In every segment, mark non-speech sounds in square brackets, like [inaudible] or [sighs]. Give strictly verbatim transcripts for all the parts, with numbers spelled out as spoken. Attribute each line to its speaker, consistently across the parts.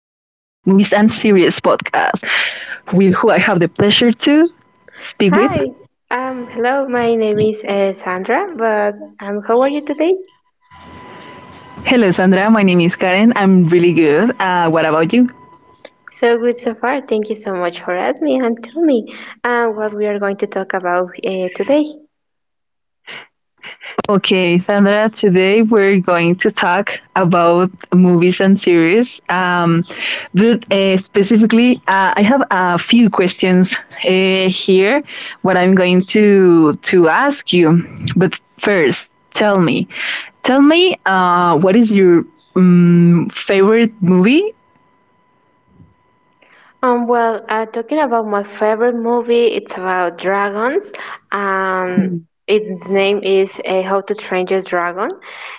Speaker 1: Movies and Series podcast, with who I have the pleasure to speak with.
Speaker 2: Hi. Um, hello, my name is uh, Sandra, but um, how are you today?
Speaker 1: Hello, Sandra. My name is Karen. I'm really good. Uh, what about you?
Speaker 2: So good so far. Thank you so much for asking me and tell me uh, what we are going to talk about uh, today.
Speaker 1: Okay, Sandra, today we're going to talk about movies and series. Um, but uh, Specifically, uh, I have a few questions uh, here, what I'm going to, to ask you. But first, tell me, tell me uh, what is your um, favorite movie.
Speaker 2: Um, well, uh, talking about my favorite movie, it's about dragons. Um, its name is uh, How to Train Your Dragon.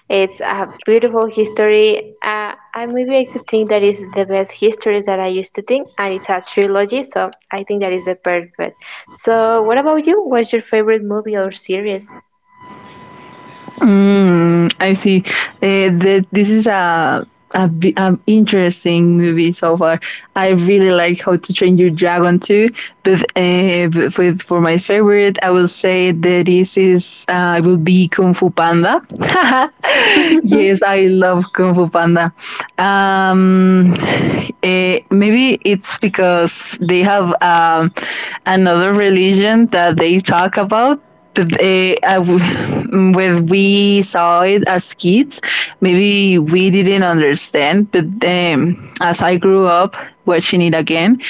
Speaker 2: It's a beautiful history. Uh, I Maybe I could think that is the best history that I used to think, and it's a trilogy, so I think that is the perfect. So, what about you? What's your favorite movie or series?
Speaker 1: Mm, I see. Uh, th- this is a, a, bi- a interesting movie so far. I really like How to Train Your Dragon too, but uh, but with for my favorite, I will say that this is uh, will be Kung Fu Panda. [laughs] Yes, I love Kung Fu Panda. Um, eh, Maybe it's because they have um, another religion that they talk about they, I w- [laughs] when we saw it as kids, maybe we didn't understand. But um, as I grew up watching it again,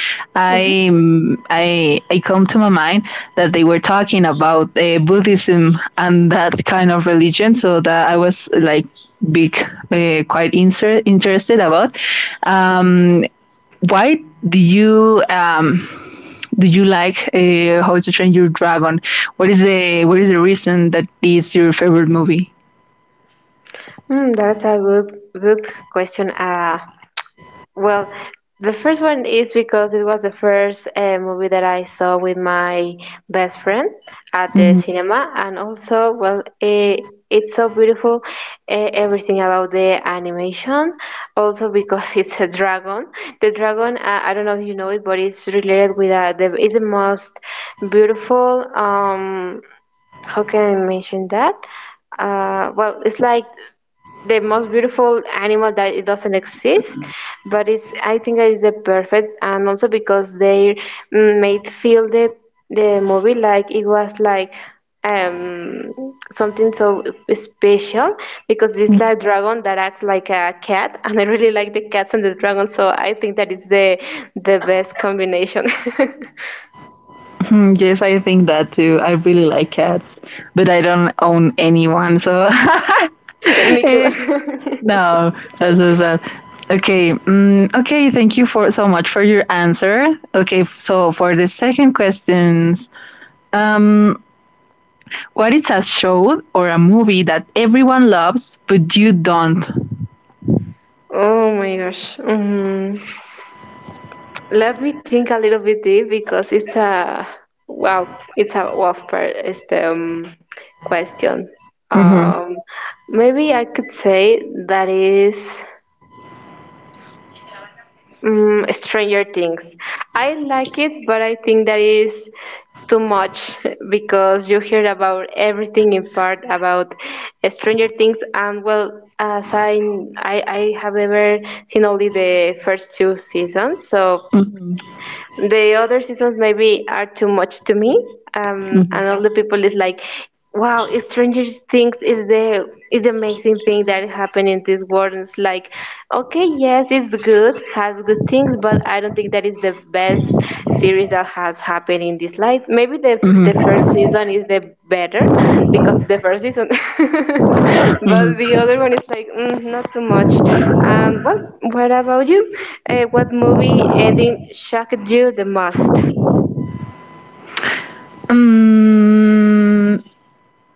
Speaker 2: Mm-hmm.
Speaker 1: I um, I I come to my mind that they were talking about uh, Buddhism and that kind of religion. So that I was like big, uh, quite inser- interested about. Um, why do you um, do you like uh, How to Train Your Dragon? What is the what is the reason that it's your favorite movie?
Speaker 2: Mm, that's a good good question. Uh, Well, the first one is because it was the first uh, movie that I saw with my best friend at the
Speaker 1: Mhm.
Speaker 2: cinema, and also, well, eh, it's so beautiful, eh, everything about the animation. Also, because [laughs] it's a dragon. The dragon, uh, I don't know if you know it, but it's related with uh, the. It's the most beautiful. Um, how can I mention that? Uh, well, it's like the most beautiful animal that it doesn't exist, but it's I think it's the perfect. And also because they mm, made feel the the movie like it was like um something so special because it's like dragon that acts like a cat [laughs] and I really like the cats and the dragon, so I think that is the the best combination. [laughs]
Speaker 1: Hmm, yes, I think that too. I really like cats, but I don't own anyone, so
Speaker 2: Me too.
Speaker 1: [laughs] no, that's so sad. Okay, mm, okay. Thank you for so much for your answer. Okay, so for the second questions, um, what is a show or a movie that everyone loves but you don't?
Speaker 2: [laughs] Oh my gosh. Mhm. Let me think a little bit deep, because it's a wow, it's a wow per- it's the, um, question.
Speaker 1: Mhm.
Speaker 2: Um, maybe I could say that is um, Stranger Things. I like it, but I think that is too much [laughs] because you hear about everything in part about Stranger Things. And well, as I I, I have ever seen only the first two seasons, so
Speaker 1: Mhm.
Speaker 2: the other seasons maybe are too much to me. Um,
Speaker 1: Mhm.
Speaker 2: and all the people is like, "Wow, Stranger Things is the is the amazing thing that happened in this world." And it's like, okay, yes, it's good, has good things, but I don't think that is the best series that has happened in this life. Maybe the f-
Speaker 1: Mhm,
Speaker 2: the first season is the better because it's the first season. [laughs] But the
Speaker 1: mhm.
Speaker 2: other one is like mm, not too much. Um, what what about you? Uh, what movie ending shocked you the most?
Speaker 1: Mm,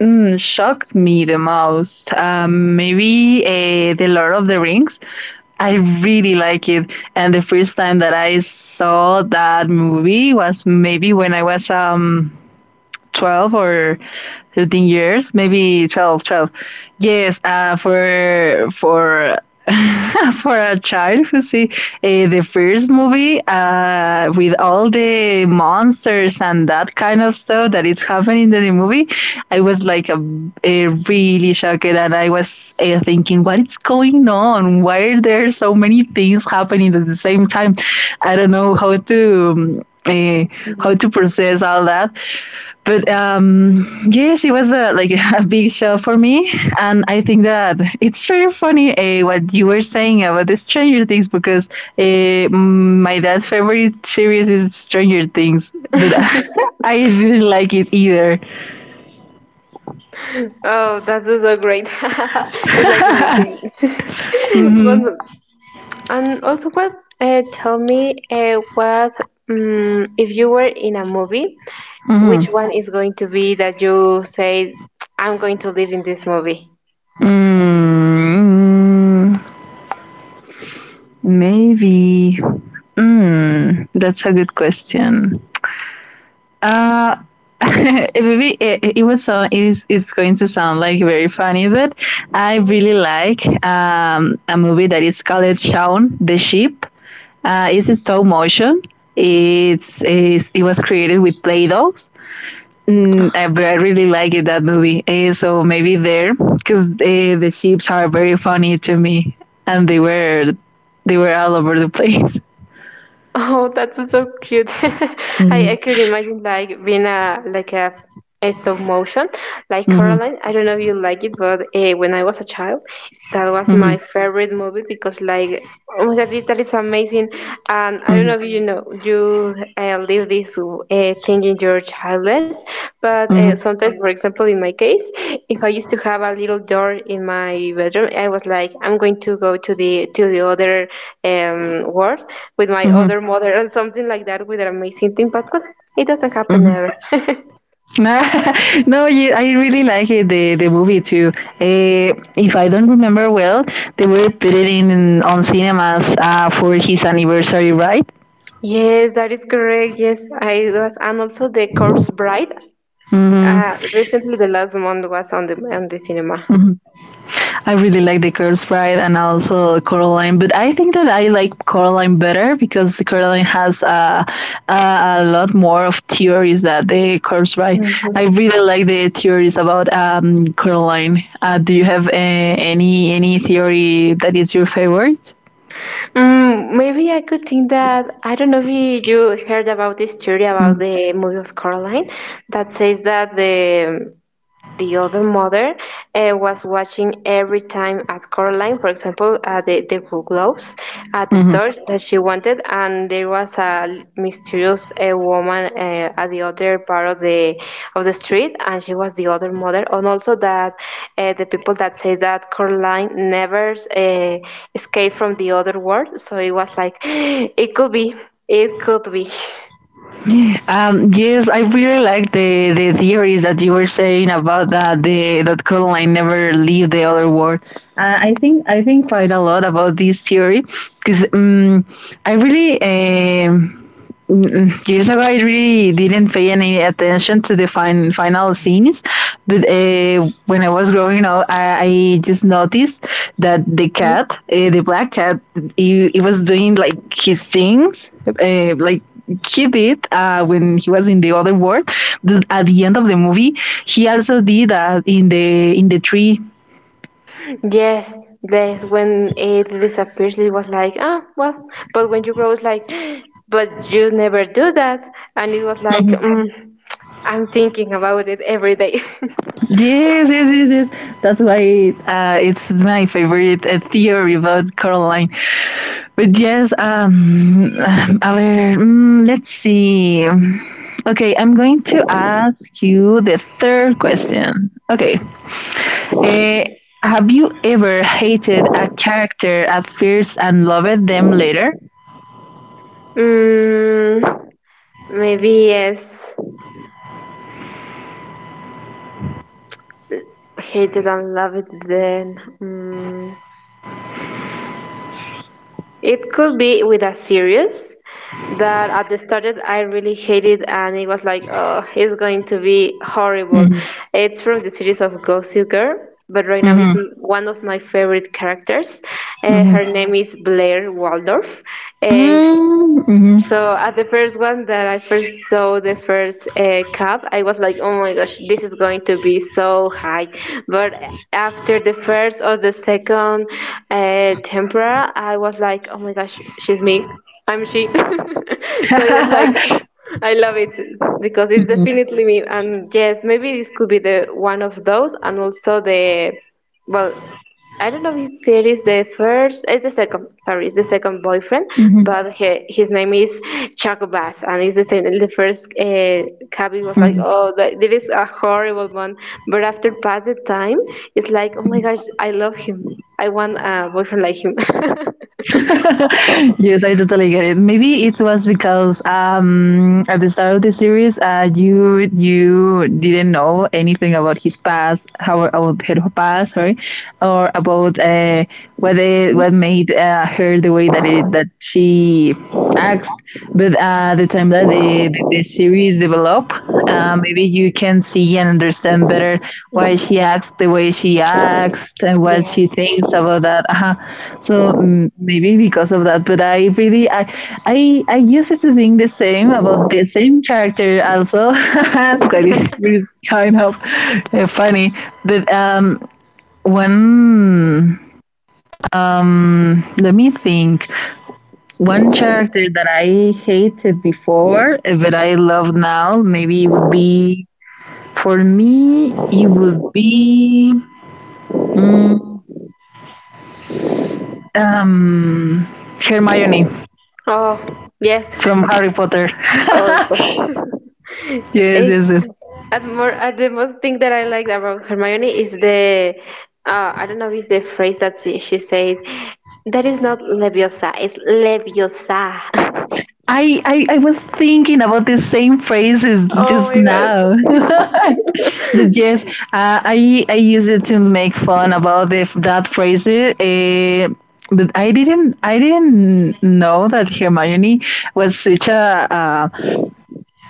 Speaker 1: mm, Shocked me the most. Um, maybe uh, The Lord of the Rings. I really like it. And the first time that I saw that movie was maybe when I was um twelve or thirteen years, maybe twelve, twelve. yes uh, for for [laughs] for a child who see uh, the first movie uh, with all the monsters and that kind of stuff that is happening in the movie, i was like a, a really shocked, and I was uh, thinking what is going on, why are there so many things happening at the same time. I don't know how to um, uh, how to
Speaker 2: Mhm.
Speaker 1: process all that. But um, yes, it was a, like [laughs] a big shock for me, and I think that it's very funny uh, what you were saying about the Stranger Things, because uh, my dad's favorite series is Stranger Things, but
Speaker 2: [laughs]
Speaker 1: [laughs] I didn't like it either.
Speaker 2: Oh, that's also great. [laughs]
Speaker 1: [laughs]
Speaker 2: It's like amazing. [laughs]
Speaker 1: Mm-hmm.
Speaker 2: But, and also, what? Uh, tell me, uh, what? Um, if you were in a movie, which
Speaker 1: Mm-hmm.
Speaker 2: one is going to be that you say, "I'm going to live in this movie"?
Speaker 1: Mm, maybe. Mm, that's a good question. Uh, [laughs] it, maybe it, it was so it's, it's going to sound like very funny, but I really like um, a movie that is called Shaun the Sheep. Uh, it's in stop motion. It's, it's it was created with Play-Dohs. Mm, I, I really like it that movie. Eh, so maybe there, because the the sheeps are very funny to me, and they were they were all over the [laughs] place.
Speaker 2: Oh, that's so cute. [laughs] I,
Speaker 1: Hmm.
Speaker 2: I could imagine like being a like a, a stop motion like
Speaker 1: Mm-hmm.
Speaker 2: Coraline. I don't know if you like it, but uh, when I was a child, that was
Speaker 1: Mm-hmm.
Speaker 2: my favorite movie because, like, oh my god, that is amazing. And I don't
Speaker 1: Mm-hmm.
Speaker 2: know if you know you uh, live this uh, thing in your childhood, but uh,
Speaker 1: Mm-hmm.
Speaker 2: sometimes, for example, in my case, if I used to have a little door in my bedroom, I was like, "I'm going to go to the to the other um, world with my
Speaker 1: Mm-hmm.
Speaker 2: other mother," and something like that with an amazing thing. But well, it doesn't happen ever.
Speaker 1: [laughs] No, yeah, I really like it, the the movie too. Uh, if I don't remember well, they were put it in on cinemas uh, for his anniversary, right?
Speaker 2: Yes, that is correct, yes. I was. And also the corpse bride,
Speaker 1: Hmm.
Speaker 2: uh recently the last month, was on the on the cinema.
Speaker 1: Hmm. I really like the Curse Bride and also Coraline, but I think that I like Coraline better because Coraline has uh, a, a lot more of theories that the Curse Bride. I
Speaker 2: Mhm.
Speaker 1: really like the theories about um, Coraline. Uh, do you have uh, any any theory that is your favorite?
Speaker 2: Mm, maybe I could think that, I don't know if you heard about this theory about
Speaker 1: Mhm.
Speaker 2: the movie of Coraline that says that the the other mother uh, was watching every time at Coraline, for example, at the, the gloves at the
Speaker 1: Mhm.
Speaker 2: store that she wanted, and there was a mysterious uh, woman uh, at the other part of the of the street, and she was the other mother. And also that uh, the people that say that Coraline never uh, escaped from the other world, so it was like [gasps] it could be, it could be.
Speaker 1: Um, yes, I really like the, the theories that you were saying about that the that Caroline never leave the other world. Uh, I think I think quite a lot about this theory because um, I really um Mm-mm. I really didn't pay any attention to the fin- final scenes, but uh, when I was growing up, I, I just noticed that the cat,
Speaker 2: [laughs]
Speaker 1: uh, the black cat, he, he was doing like his things, uh, like he did uh, when he was in the other world. But at the end of the movie, he also did that in the in the tree.
Speaker 2: Yes, yes. When it disappears, it was like, ah, well. But when you grow, it's like, [gasps] but you never do that. And it was like, mm, I'm thinking about it every day.
Speaker 1: Yes, yes, yes, yes. That's why uh, it's my favorite uh, theory about Caroline. But yes, um, [sighs] our, mm, let's see. Okay, I'm going to ask you the third question. Okay. Eh, have you ever hated a character at first and loved them later?
Speaker 2: [laughs] mm, maybe yes. Hate it and love it then. Mm. It could be with a series that at the started I really hated and it was like, "Oh, it's going to be horrible."
Speaker 1: Mhm,
Speaker 2: It's from the series of Gossip Girl, but right now it's
Speaker 1: mhm,
Speaker 2: m- one of my favorite characters. Uh,
Speaker 1: mhm.
Speaker 2: her name is Blair Waldorf. Uh,
Speaker 1: Mm, mhm,
Speaker 2: so at the first one that I first saw the first uh, cup, I was like, "Oh my gosh, this is going to be so high!" But after the first or the second uh, tempera, I was like, "Oh my gosh, she's me, I'm she." [laughs] So it was like, [laughs]
Speaker 1: I
Speaker 2: I love it because it's
Speaker 1: mhm,
Speaker 2: definitely me. And yes, maybe this could be the one of those, and also the, well, I don't know if it is the first, there is the second, sorry, it's the second boyfriend,
Speaker 1: mhm,
Speaker 2: but he, his name is Chaco Bass, and it's the same. The first uh, cabby was
Speaker 1: mhm,
Speaker 2: like,
Speaker 1: mhm.
Speaker 2: "Oh, that, that is a horrible one." But after past the time, it's like, "Oh my
Speaker 1: [laughs]
Speaker 2: gosh, I love him. I want a boyfriend like him."
Speaker 1: [laughs] Yes, I totally get it. Maybe it was because um, at the start of the series, uh, you you didn't know anything about his past, how about her past, sorry, or about uh, what they, what made uh, her the way that it that she asked, but at the time that the, the, the series develop, uh, maybe you can see and understand better why she acts the way she acts and
Speaker 2: [laughs]
Speaker 1: what she
Speaker 2: Yes.
Speaker 1: thinks about that. Uh-huh. So mm, maybe because of that, but I really I I, I used to think the same about the same character also. [laughs] it's quite it's really kind of uh, funny, but um one um let me think. One character that I hated before, eh, but I love now, maybe it would be for me. It would be mm, um, Hermione
Speaker 2: Oh, yes.
Speaker 1: from Harry Potter.
Speaker 2: Also.
Speaker 1: [laughs]
Speaker 2: [laughs]
Speaker 1: Yes,
Speaker 2: Is
Speaker 1: yes, yes.
Speaker 2: at more at the most thing that I like about Hermione is the, uh, I don't know, is the phrase that she, she said, that is not leviosa, it's leviosa. [laughs]
Speaker 1: I, I, I was thinking about the same phrases
Speaker 2: Oh
Speaker 1: just
Speaker 2: my gosh.
Speaker 1: now. [laughs] But yes, uh, I I used it to make fun about the, that phrase. Uh, but I didn't I didn't know that Hermione was such a a,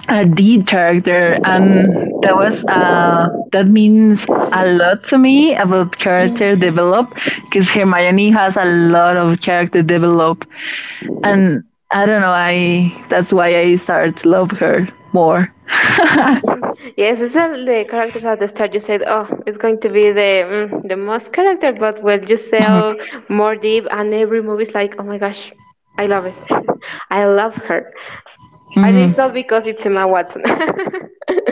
Speaker 1: a deep character, and that was uh, that means a lot to me about character develop, because Hermione has a lot of character develop, and I don't know, I that's why I started to love her more.
Speaker 2: Yes, it's all the characters at the start, you said, "Oh, it's going to be the mm, the most character." But when you sell more deep and every movie is like, "Oh my gosh, I love it." [laughs] I love her, and it's
Speaker 1: Mhm.
Speaker 2: not because it's Emma Watson. [laughs]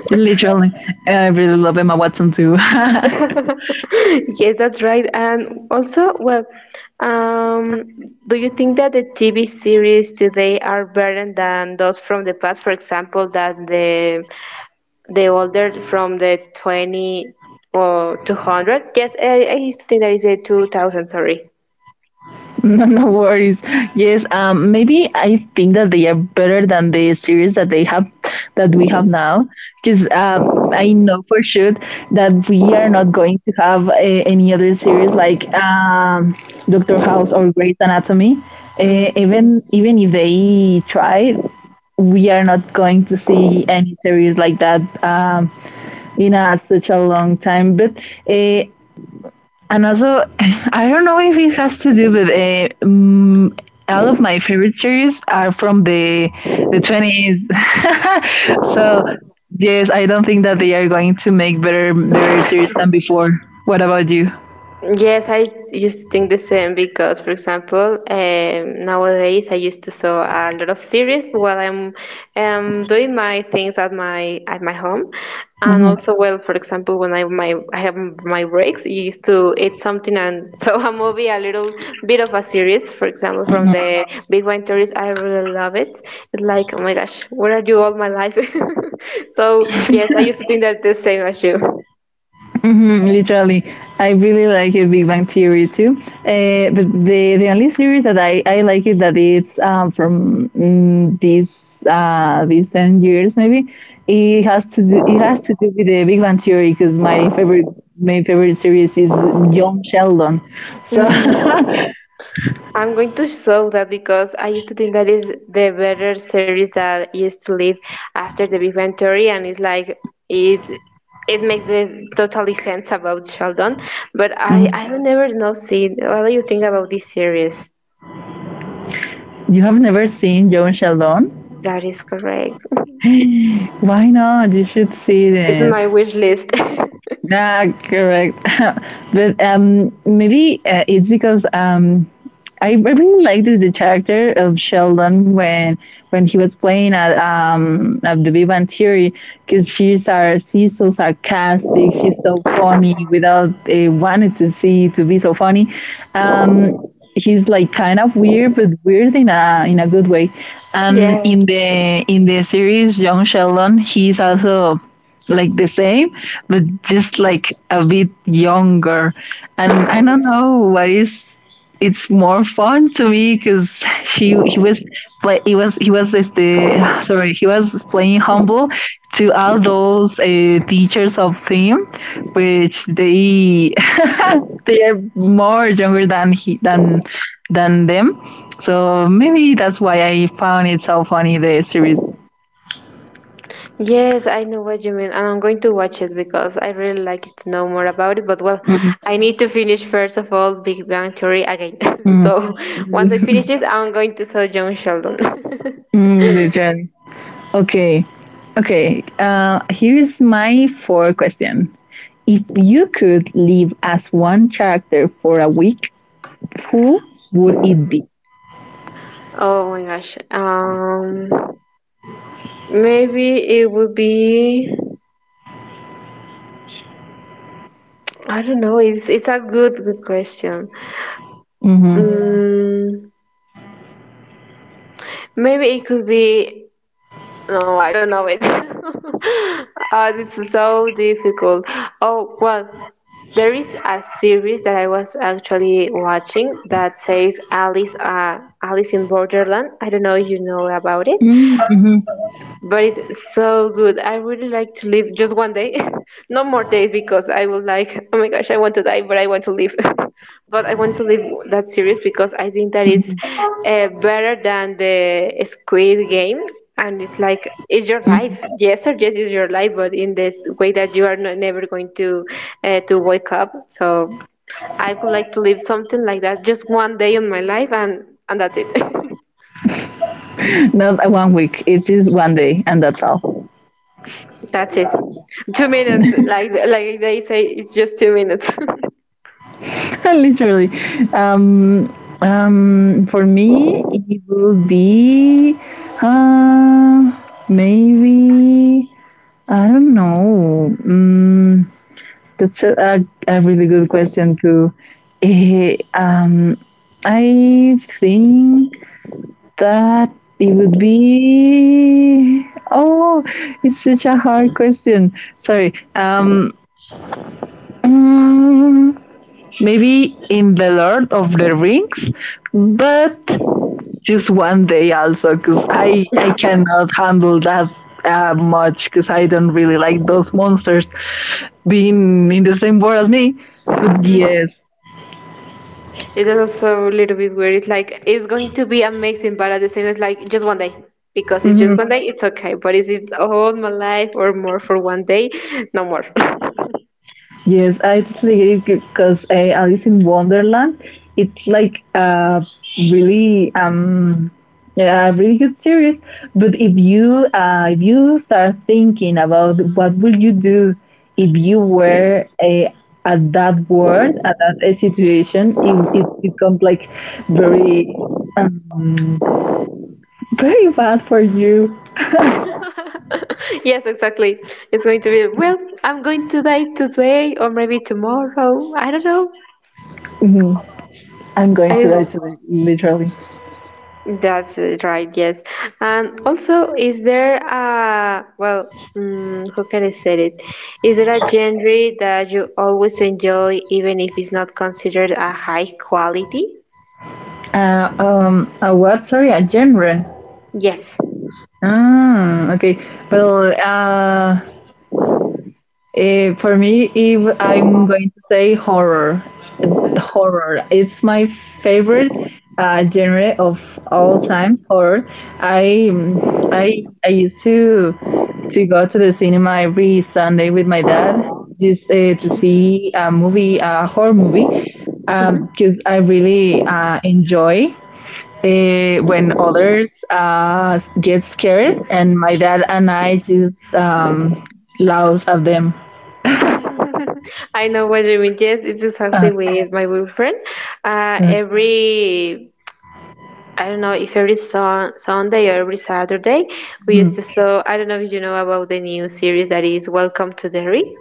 Speaker 1: Literally, I really love Emma Watson too. [laughs]
Speaker 2: Yes, that's right. And also, well, um, do you think that the T V series today are better than those from the past? For example, that the the older from the twenty or two hundred? Yes, I, I used to think that is a two thousand, sorry.
Speaker 1: No, no worries. Yes, um, maybe I think that they are better than the series that they have, that we have now. Because um, I know for sure that we are not going to have a, any other series like um, Doctor House or Grey's Anatomy.
Speaker 2: Mm.
Speaker 1: Uh, even even if they try, we are not going to see any series like that um, in a, such a long time. But uh, And also, [laughs] I don't know if it has to do with uh, um, all of my favorite series are from the the twenties. [laughs] So yes, I don't think that they are going to make better better series than before. What about you?
Speaker 2: Yes, I used to think the same because, for example, um, nowadays I used to saw a lot of series while I'm um, doing my things at my at my home. And
Speaker 1: Mhm,
Speaker 2: also, well, for example, when I my I have my breaks, you used to eat something and [laughs] saw a movie, a little bit of a series, for example, from
Speaker 1: mhm.
Speaker 2: the Big Bang Theories. I really love it. It's like, "Oh my gosh, where are you all my life?" [laughs] So yes, I used to think that the same as you.
Speaker 1: Hmm, literally, I really like it, Big Bang Theory too. Uh, but the the only series that I, I like it that it's um, from mm, these uh, these ten years maybe. It has to do it has to do with the Big Bang Theory, because my favorite my favorite series is John Sheldon. So [laughs]
Speaker 2: I'm going to show that because I used to think that is the better series that used to live after the Big Bang Theory. And it's like it it makes this totally sense about Sheldon. But I
Speaker 1: mhm.
Speaker 2: I have never know seen. What do you think about this series?
Speaker 1: You have never seen John Sheldon?
Speaker 2: That is correct.
Speaker 1: Why not? You should see
Speaker 2: It's on
Speaker 1: it.
Speaker 2: my wish list.
Speaker 1: Yeah, correct. [laughs] But um, maybe uh, it's because um, I, I really liked the character of Sheldon when when he was playing at um at the Big Bang Theory, because she's are she's so sarcastic, she's so funny without uh, wanting to see to be so funny. um, he's like kind of weird, but weird in a in a good way. And in
Speaker 2: [laughs] Yes.
Speaker 1: the in the series Young Sheldon, he's also like the same, but just like a bit younger. And I don't know what is it's more fun to me, because he he was play he was he was este, sorry he was playing humble to all those uh, teachers of him, which they [laughs] they are more younger than he than than them. So maybe that's why I found it so funny the series.
Speaker 2: Yes, I know what you mean, and I'm going to watch it because I really like it to know more about it. But well,
Speaker 1: Mm,
Speaker 2: I need to finish first of all Big Bang Theory again. [laughs]
Speaker 1: mm,
Speaker 2: So once I
Speaker 1: [laughs]
Speaker 2: finish it, I'm going to saw John Sheldon.
Speaker 1: mm, the trend. [laughs] Okay, okay. Uh, here's my fourth question. If you could live as one character for a week, who would it be?
Speaker 2: [laughs] Oh my gosh. Um, maybe it would be. I don't know. It's it's a good good question.
Speaker 1: Mm-hmm.
Speaker 2: Mm, maybe it could be. No, I don't know it. [laughs] uh, this is so difficult. Oh, well, there is a series that I was actually watching that says Alice, uh, Alice in Borderland. I don't know if you know about it.
Speaker 1: Mm-hmm.
Speaker 2: But it's so good. I really like to live just one day, [laughs] no more days, because I will like, "Oh my gosh, I want to die, but I want to live." [laughs] But I want to live that series because I think that is uh, better than the Squid Game. And it's like, it's your life. Yes, or yes, is your life, but in this way that you are not, never going to uh, to wake up. So I would like to live something like that, just one day in my life, and and that's it. [laughs]
Speaker 1: Mm-hmm. [laughs] Not a one week. It's just one day, and that's all.
Speaker 2: That's it. Two minutes, like like they say, it's just two minutes.
Speaker 1: [laughs] Literally. Um, um, for me, it would be uh, maybe, I don't know. Um, that's a, a, a really good question, too. Eh, um, I think that it would be. Oh, it's such a hard question. Sorry. Um, mm, Maybe in the Lord of the Rings, but just one day also, because I I cannot handle that uh, much, because I don't really like those monsters being in the same world as me. But
Speaker 2: [laughs]
Speaker 1: yes.
Speaker 2: It's also a little bit weird. It's like it's going to be amazing, but at the same, it's like just one day because it's just
Speaker 1: Mhm.
Speaker 2: one day. It's okay, but is it all my life or more for one day? No more.
Speaker 1: Yes, I totally get it, because uh, Alice in Wonderland, it's like a really um yeah, a really good series. But if you uh, if you start thinking about what will you do if you were a at that world at that uh, situation, it it becomes like very um, very bad for you.
Speaker 2: [laughs] Yes, exactly. It's going to be well. I'm going to die today or maybe tomorrow. I don't know.
Speaker 1: Mhm. I'm going
Speaker 2: I,
Speaker 1: to die today, literally.
Speaker 2: That's it, right, yes. And also, is there a, well, mm, how can I say it? Is there a genre that you always enjoy, even if it's not considered a high quality?
Speaker 1: Uh, um, uh, what? Sorry, a genre.
Speaker 2: Yes.
Speaker 1: Ah, okay. Well, uh, eh, for me, if I'm going to say horror, horror, it's my favorite uh, genre of all time. Horror. I I I used to to go to the cinema every Sunday with my dad just uh, to see a movie, a horror movie, um,
Speaker 2: Mhm.
Speaker 1: because I really uh, enjoy uh, when others uh, get scared, and my dad and I just um, laugh at them.
Speaker 2: [laughs] I know what you mean. Yes, it's
Speaker 1: Uh,
Speaker 2: exactly with my boyfriend. Uh,
Speaker 1: uh,
Speaker 2: every, I don't know if every sun Sunday or every Saturday, we used to,
Speaker 1: mm,
Speaker 2: so I don't know if you know about the new series that is Welcome to Derry.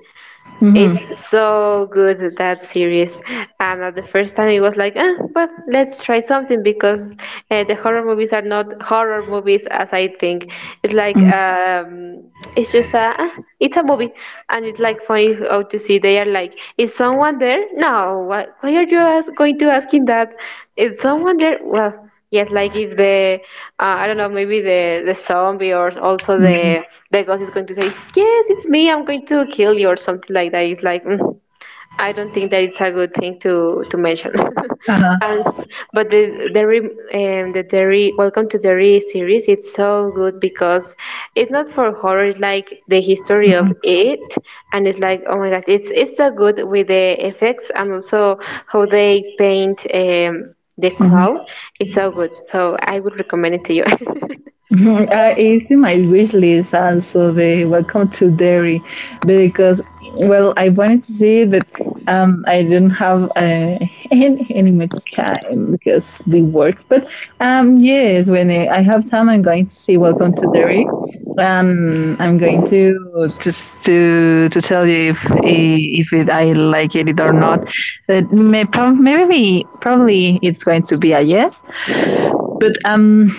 Speaker 1: mhm,
Speaker 2: It's so good that series, and at the first time it was like, ah, but let's try something because uh, the horror movies are not horror movies as I think. It's like
Speaker 1: mm,
Speaker 2: um, it's just a ah, it's a movie, and it's like funny how to see they are like, is someone there? No, why, why are you ask, going to asking that? Is someone there? Well. Yes, like if the uh, I don't know, maybe the the zombie or also
Speaker 1: mhm,
Speaker 2: the the ghost is going to say, "Yes, it's me. I'm going to kill you," or something like that. It's like mm, I don't think that it's a good thing to to mention.
Speaker 1: uh-huh,
Speaker 2: [laughs] and But the dairy um, the dairy Welcome to Dairy series it's so good because it's not for horror. It's like the history of
Speaker 1: mhm,
Speaker 2: it, and it's like oh my god, it's it's so good with the effects and also how they paint um, the
Speaker 1: mhm.
Speaker 2: cloud. It's so good. So I would recommend it to you. [laughs]
Speaker 1: [laughs] Mhm. Uh, it's in my wish list also the Welcome to Derry because well, I wanted to see it, but um I didn't have uh, [laughs] any, any much time because we work. But um yes, when I I have time, I'm going to see Welcome to Derry, and I'm going to just to to tell you if if it, I like it or not, but may, prob- maybe probably it's going to be a yes, but um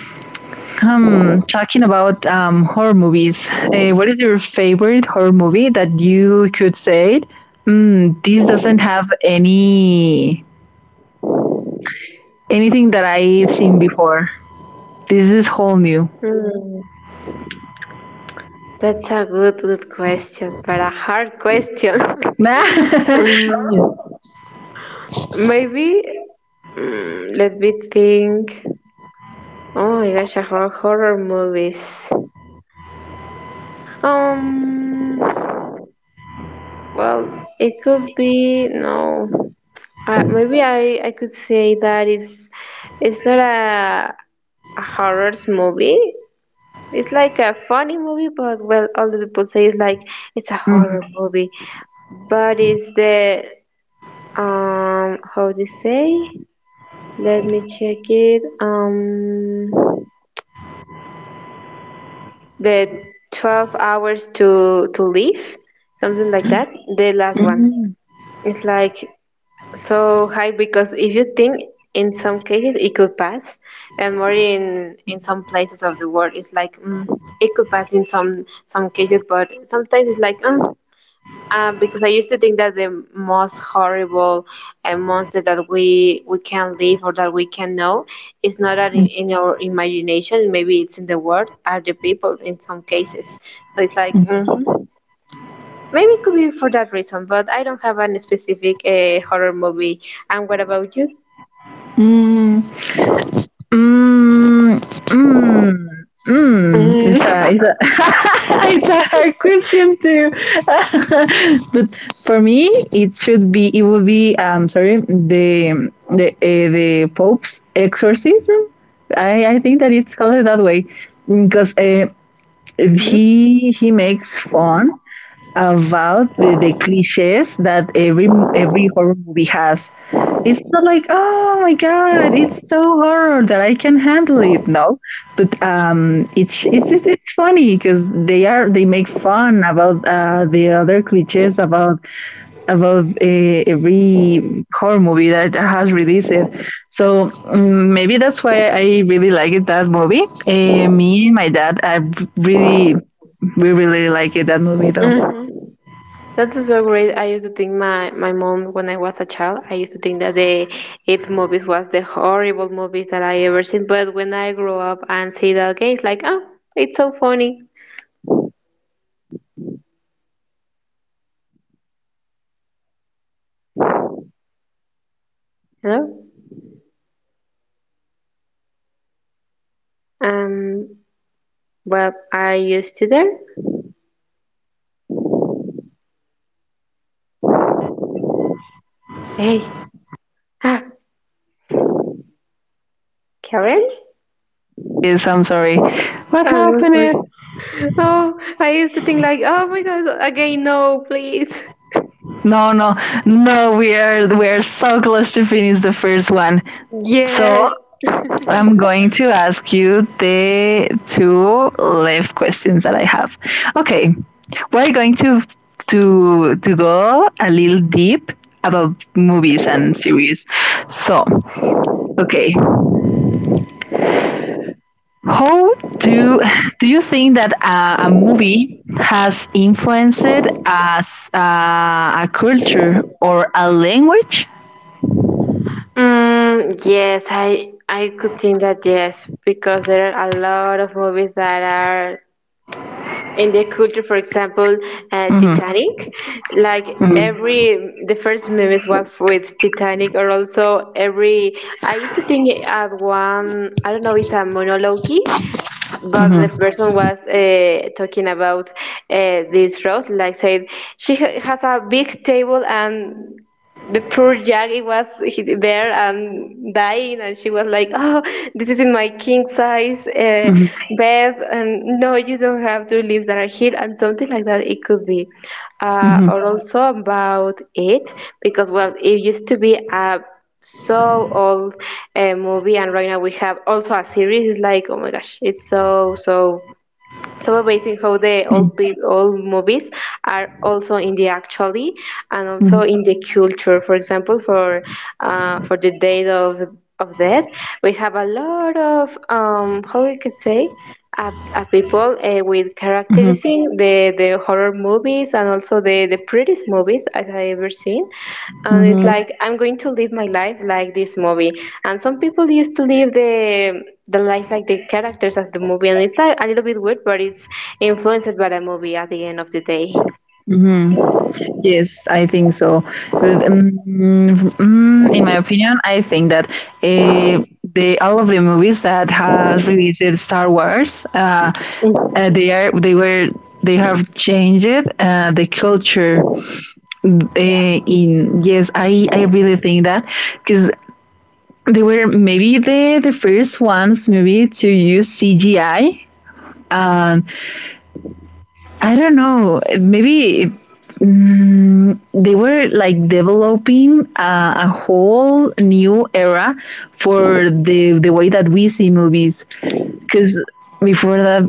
Speaker 1: hmm, talking about um, horror movies, uh, what is your favorite horror movie that you could say? Mm, this doesn't have any anything that I've seen before. This is whole new.
Speaker 2: Mm, that's a good good question, but a hard question. [laughs]
Speaker 1: [laughs]
Speaker 2: Mm,
Speaker 1: Yes.
Speaker 2: maybe. Mm, let me think. Oh my gosh, I have horror movies. Um, well, it could be no. Uh, maybe I I could say that it's it's not a a horror movie. It's like a funny movie, but well, all the people say it's like it's a
Speaker 1: Mhm.
Speaker 2: horror movie. But it's the um how do you say? Let me check it. Um. The twelve hours to to live, something like that. The last one.
Speaker 1: Mhm.
Speaker 2: It's like so high because if you think in some cases it could pass and more in in some places of the world it's like mm, it could pass in some some cases but sometimes it's like mm, um, because I used to think that the most horrible uh, monster that we we can live or that we can know is not that in, in our imagination. Maybe it's in the world. Are the people in some cases? So it's like mhm. Maybe it could be for that reason. But I don't have any specific uh, horror movie. And what about you?
Speaker 1: Mhm. Mm, mm, mm. It's a
Speaker 2: Mhm.
Speaker 1: it's a [laughs] it's a hard question too. [laughs] But for me, it should be it would be, um sorry, the the uh, the Pope's exorcism. I I think that it's called that way because uh, he he makes fun about the, the cliches that every every horror movie has. It's not like, oh my god, it's so horror that I can handle it. No, but um, it's it's it's it's funny because they are they make fun about uh, the other cliches about about uh, every horror movie that has released it. So mm, maybe that's why I really liked that movie. Uh, me and my dad, I really we really like it, that movie though.
Speaker 2: Mhm. That's so great. I used to think my, my mom, when I was a child, I used to think that the It movies was the horrible movies that I ever seen. But when I grew up and see that again, it's like, oh, it's so funny. Hello? Um, well, I used to there. Hey, ah, Karen?
Speaker 1: Is. I'm sorry. What
Speaker 2: Oh, no,
Speaker 1: happened?
Speaker 2: sorry.
Speaker 1: Is-
Speaker 2: Oh, I used to think like, oh my gosh, again, no, please.
Speaker 1: No, no, no. We are we are so close to finish the first one.
Speaker 2: Yes.
Speaker 1: So I'm going to ask you the two left questions that I have. Okay, we're going to to to go a little deep about movies and series. So okay, how do do you think that a, a movie has influenced as uh, a culture or a language?
Speaker 2: Mm, yes, I I could think that yes, because there are a lot of movies that are in their culture, for example, uh,
Speaker 1: Mhm,
Speaker 2: Titanic, like
Speaker 1: mhm,
Speaker 2: every the first memes was with Titanic, or also every I used to think at one I don't know it's a monologue but the
Speaker 1: mhm,
Speaker 2: person was uh, talking about uh, this Rose, like said she ha- has a big table and the poor Jaggy was he- there and dying, and she was like, "Oh, this is in my king size uh,
Speaker 1: mhm,
Speaker 2: bed, and no, you don't have to leave that here," and something like that. It could be, uh,
Speaker 1: mhm,
Speaker 2: or also about it, because well, it used to be a so old uh, movie, and right now we have also a series. It's like, oh my gosh, it's so so so, basically, how the
Speaker 1: mhm,
Speaker 2: old peop old movies are also in the actually and also in the culture, for example, for uh, for the date of of death we have a lot of um, how we could say, a uh, people uh, with
Speaker 1: mhm, mhm,
Speaker 2: characteristics the the horror movies and also the the prettiest movies I have ever seen. And it's Yeah,
Speaker 1: mhm,
Speaker 2: like I'm going to live my life like this movie. And some people used to live the the life like the characters of the movie, and it's like a little bit weird, but it's influenced by the movie at the end of the day.
Speaker 1: mhm. Yes, I think so. With, mm, mm, in my opinion, I think that uh, the all of the movies that has released Star Wars, uh,
Speaker 2: Mhm.
Speaker 1: uh, they are they were they have changed uh, the culture. Uh,
Speaker 2: Yes.
Speaker 1: in yes, I I really think that because they were maybe the the first ones, maybe, to use C G I. Um, I don't know. Maybe mm, they were like developing uh, a whole new era for the the way that we see movies because before that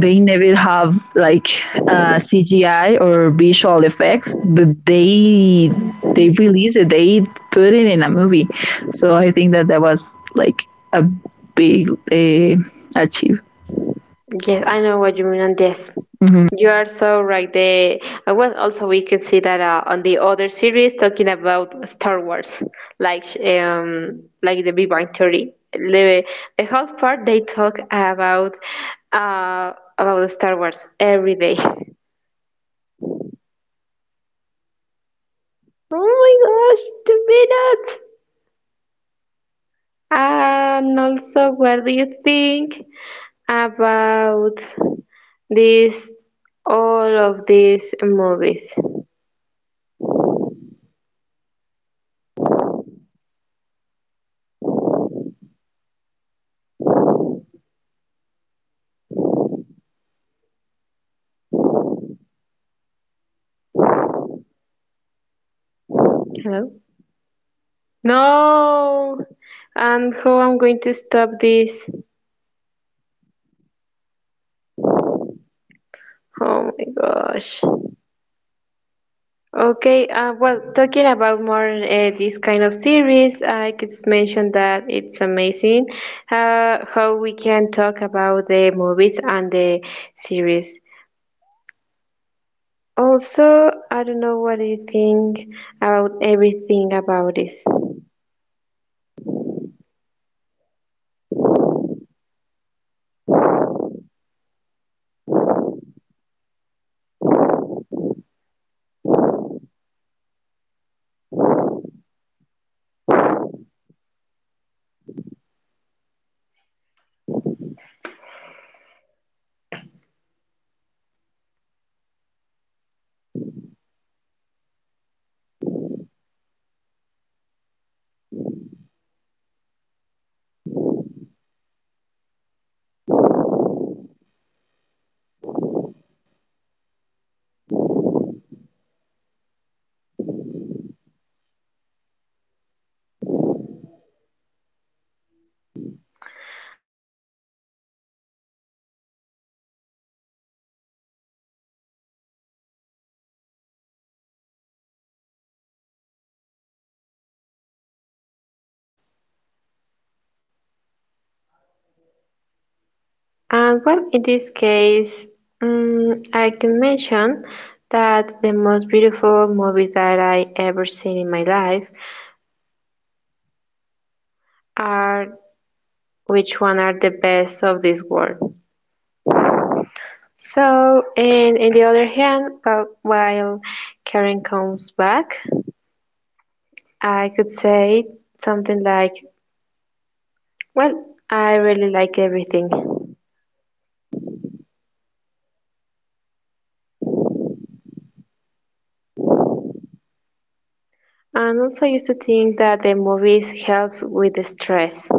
Speaker 1: they never have like uh, C G I or visual effects, but they they release it, they put it in a movie. So I think that that was like a big uh, achieve.
Speaker 2: Yes, I know what you mean, and yes, you are so right. The uh, well, also we could see that uh, on the other series talking about Star Wars, like sh- um, like the Big Bang Theory. The, the whole part they talk about uh about Star Wars every day. [laughs] Oh my gosh, two minutes! And also, what do you think about this? All of these movies. Hello. No. And how I'm going to stop this? Oh my gosh. Okay, uh, well, talking about more uh, this kind of series, I could mention that it's amazing uh, how we can talk about the movies and the series. Also, I don't know what do you think about everything about this. Oh my gosh. Well, in these kind of cases, I could mention that uh, the life is beautiful when you used to see a lot of beautiful things also. And well, in this case, um, I can mention that the most beautiful movies that I ever seen in my life are which one are the best of this world. So, and in the other hand, well, while Karen comes back. I could say something like, well, I really like everything. And also, I used to think that the movies help with the stress.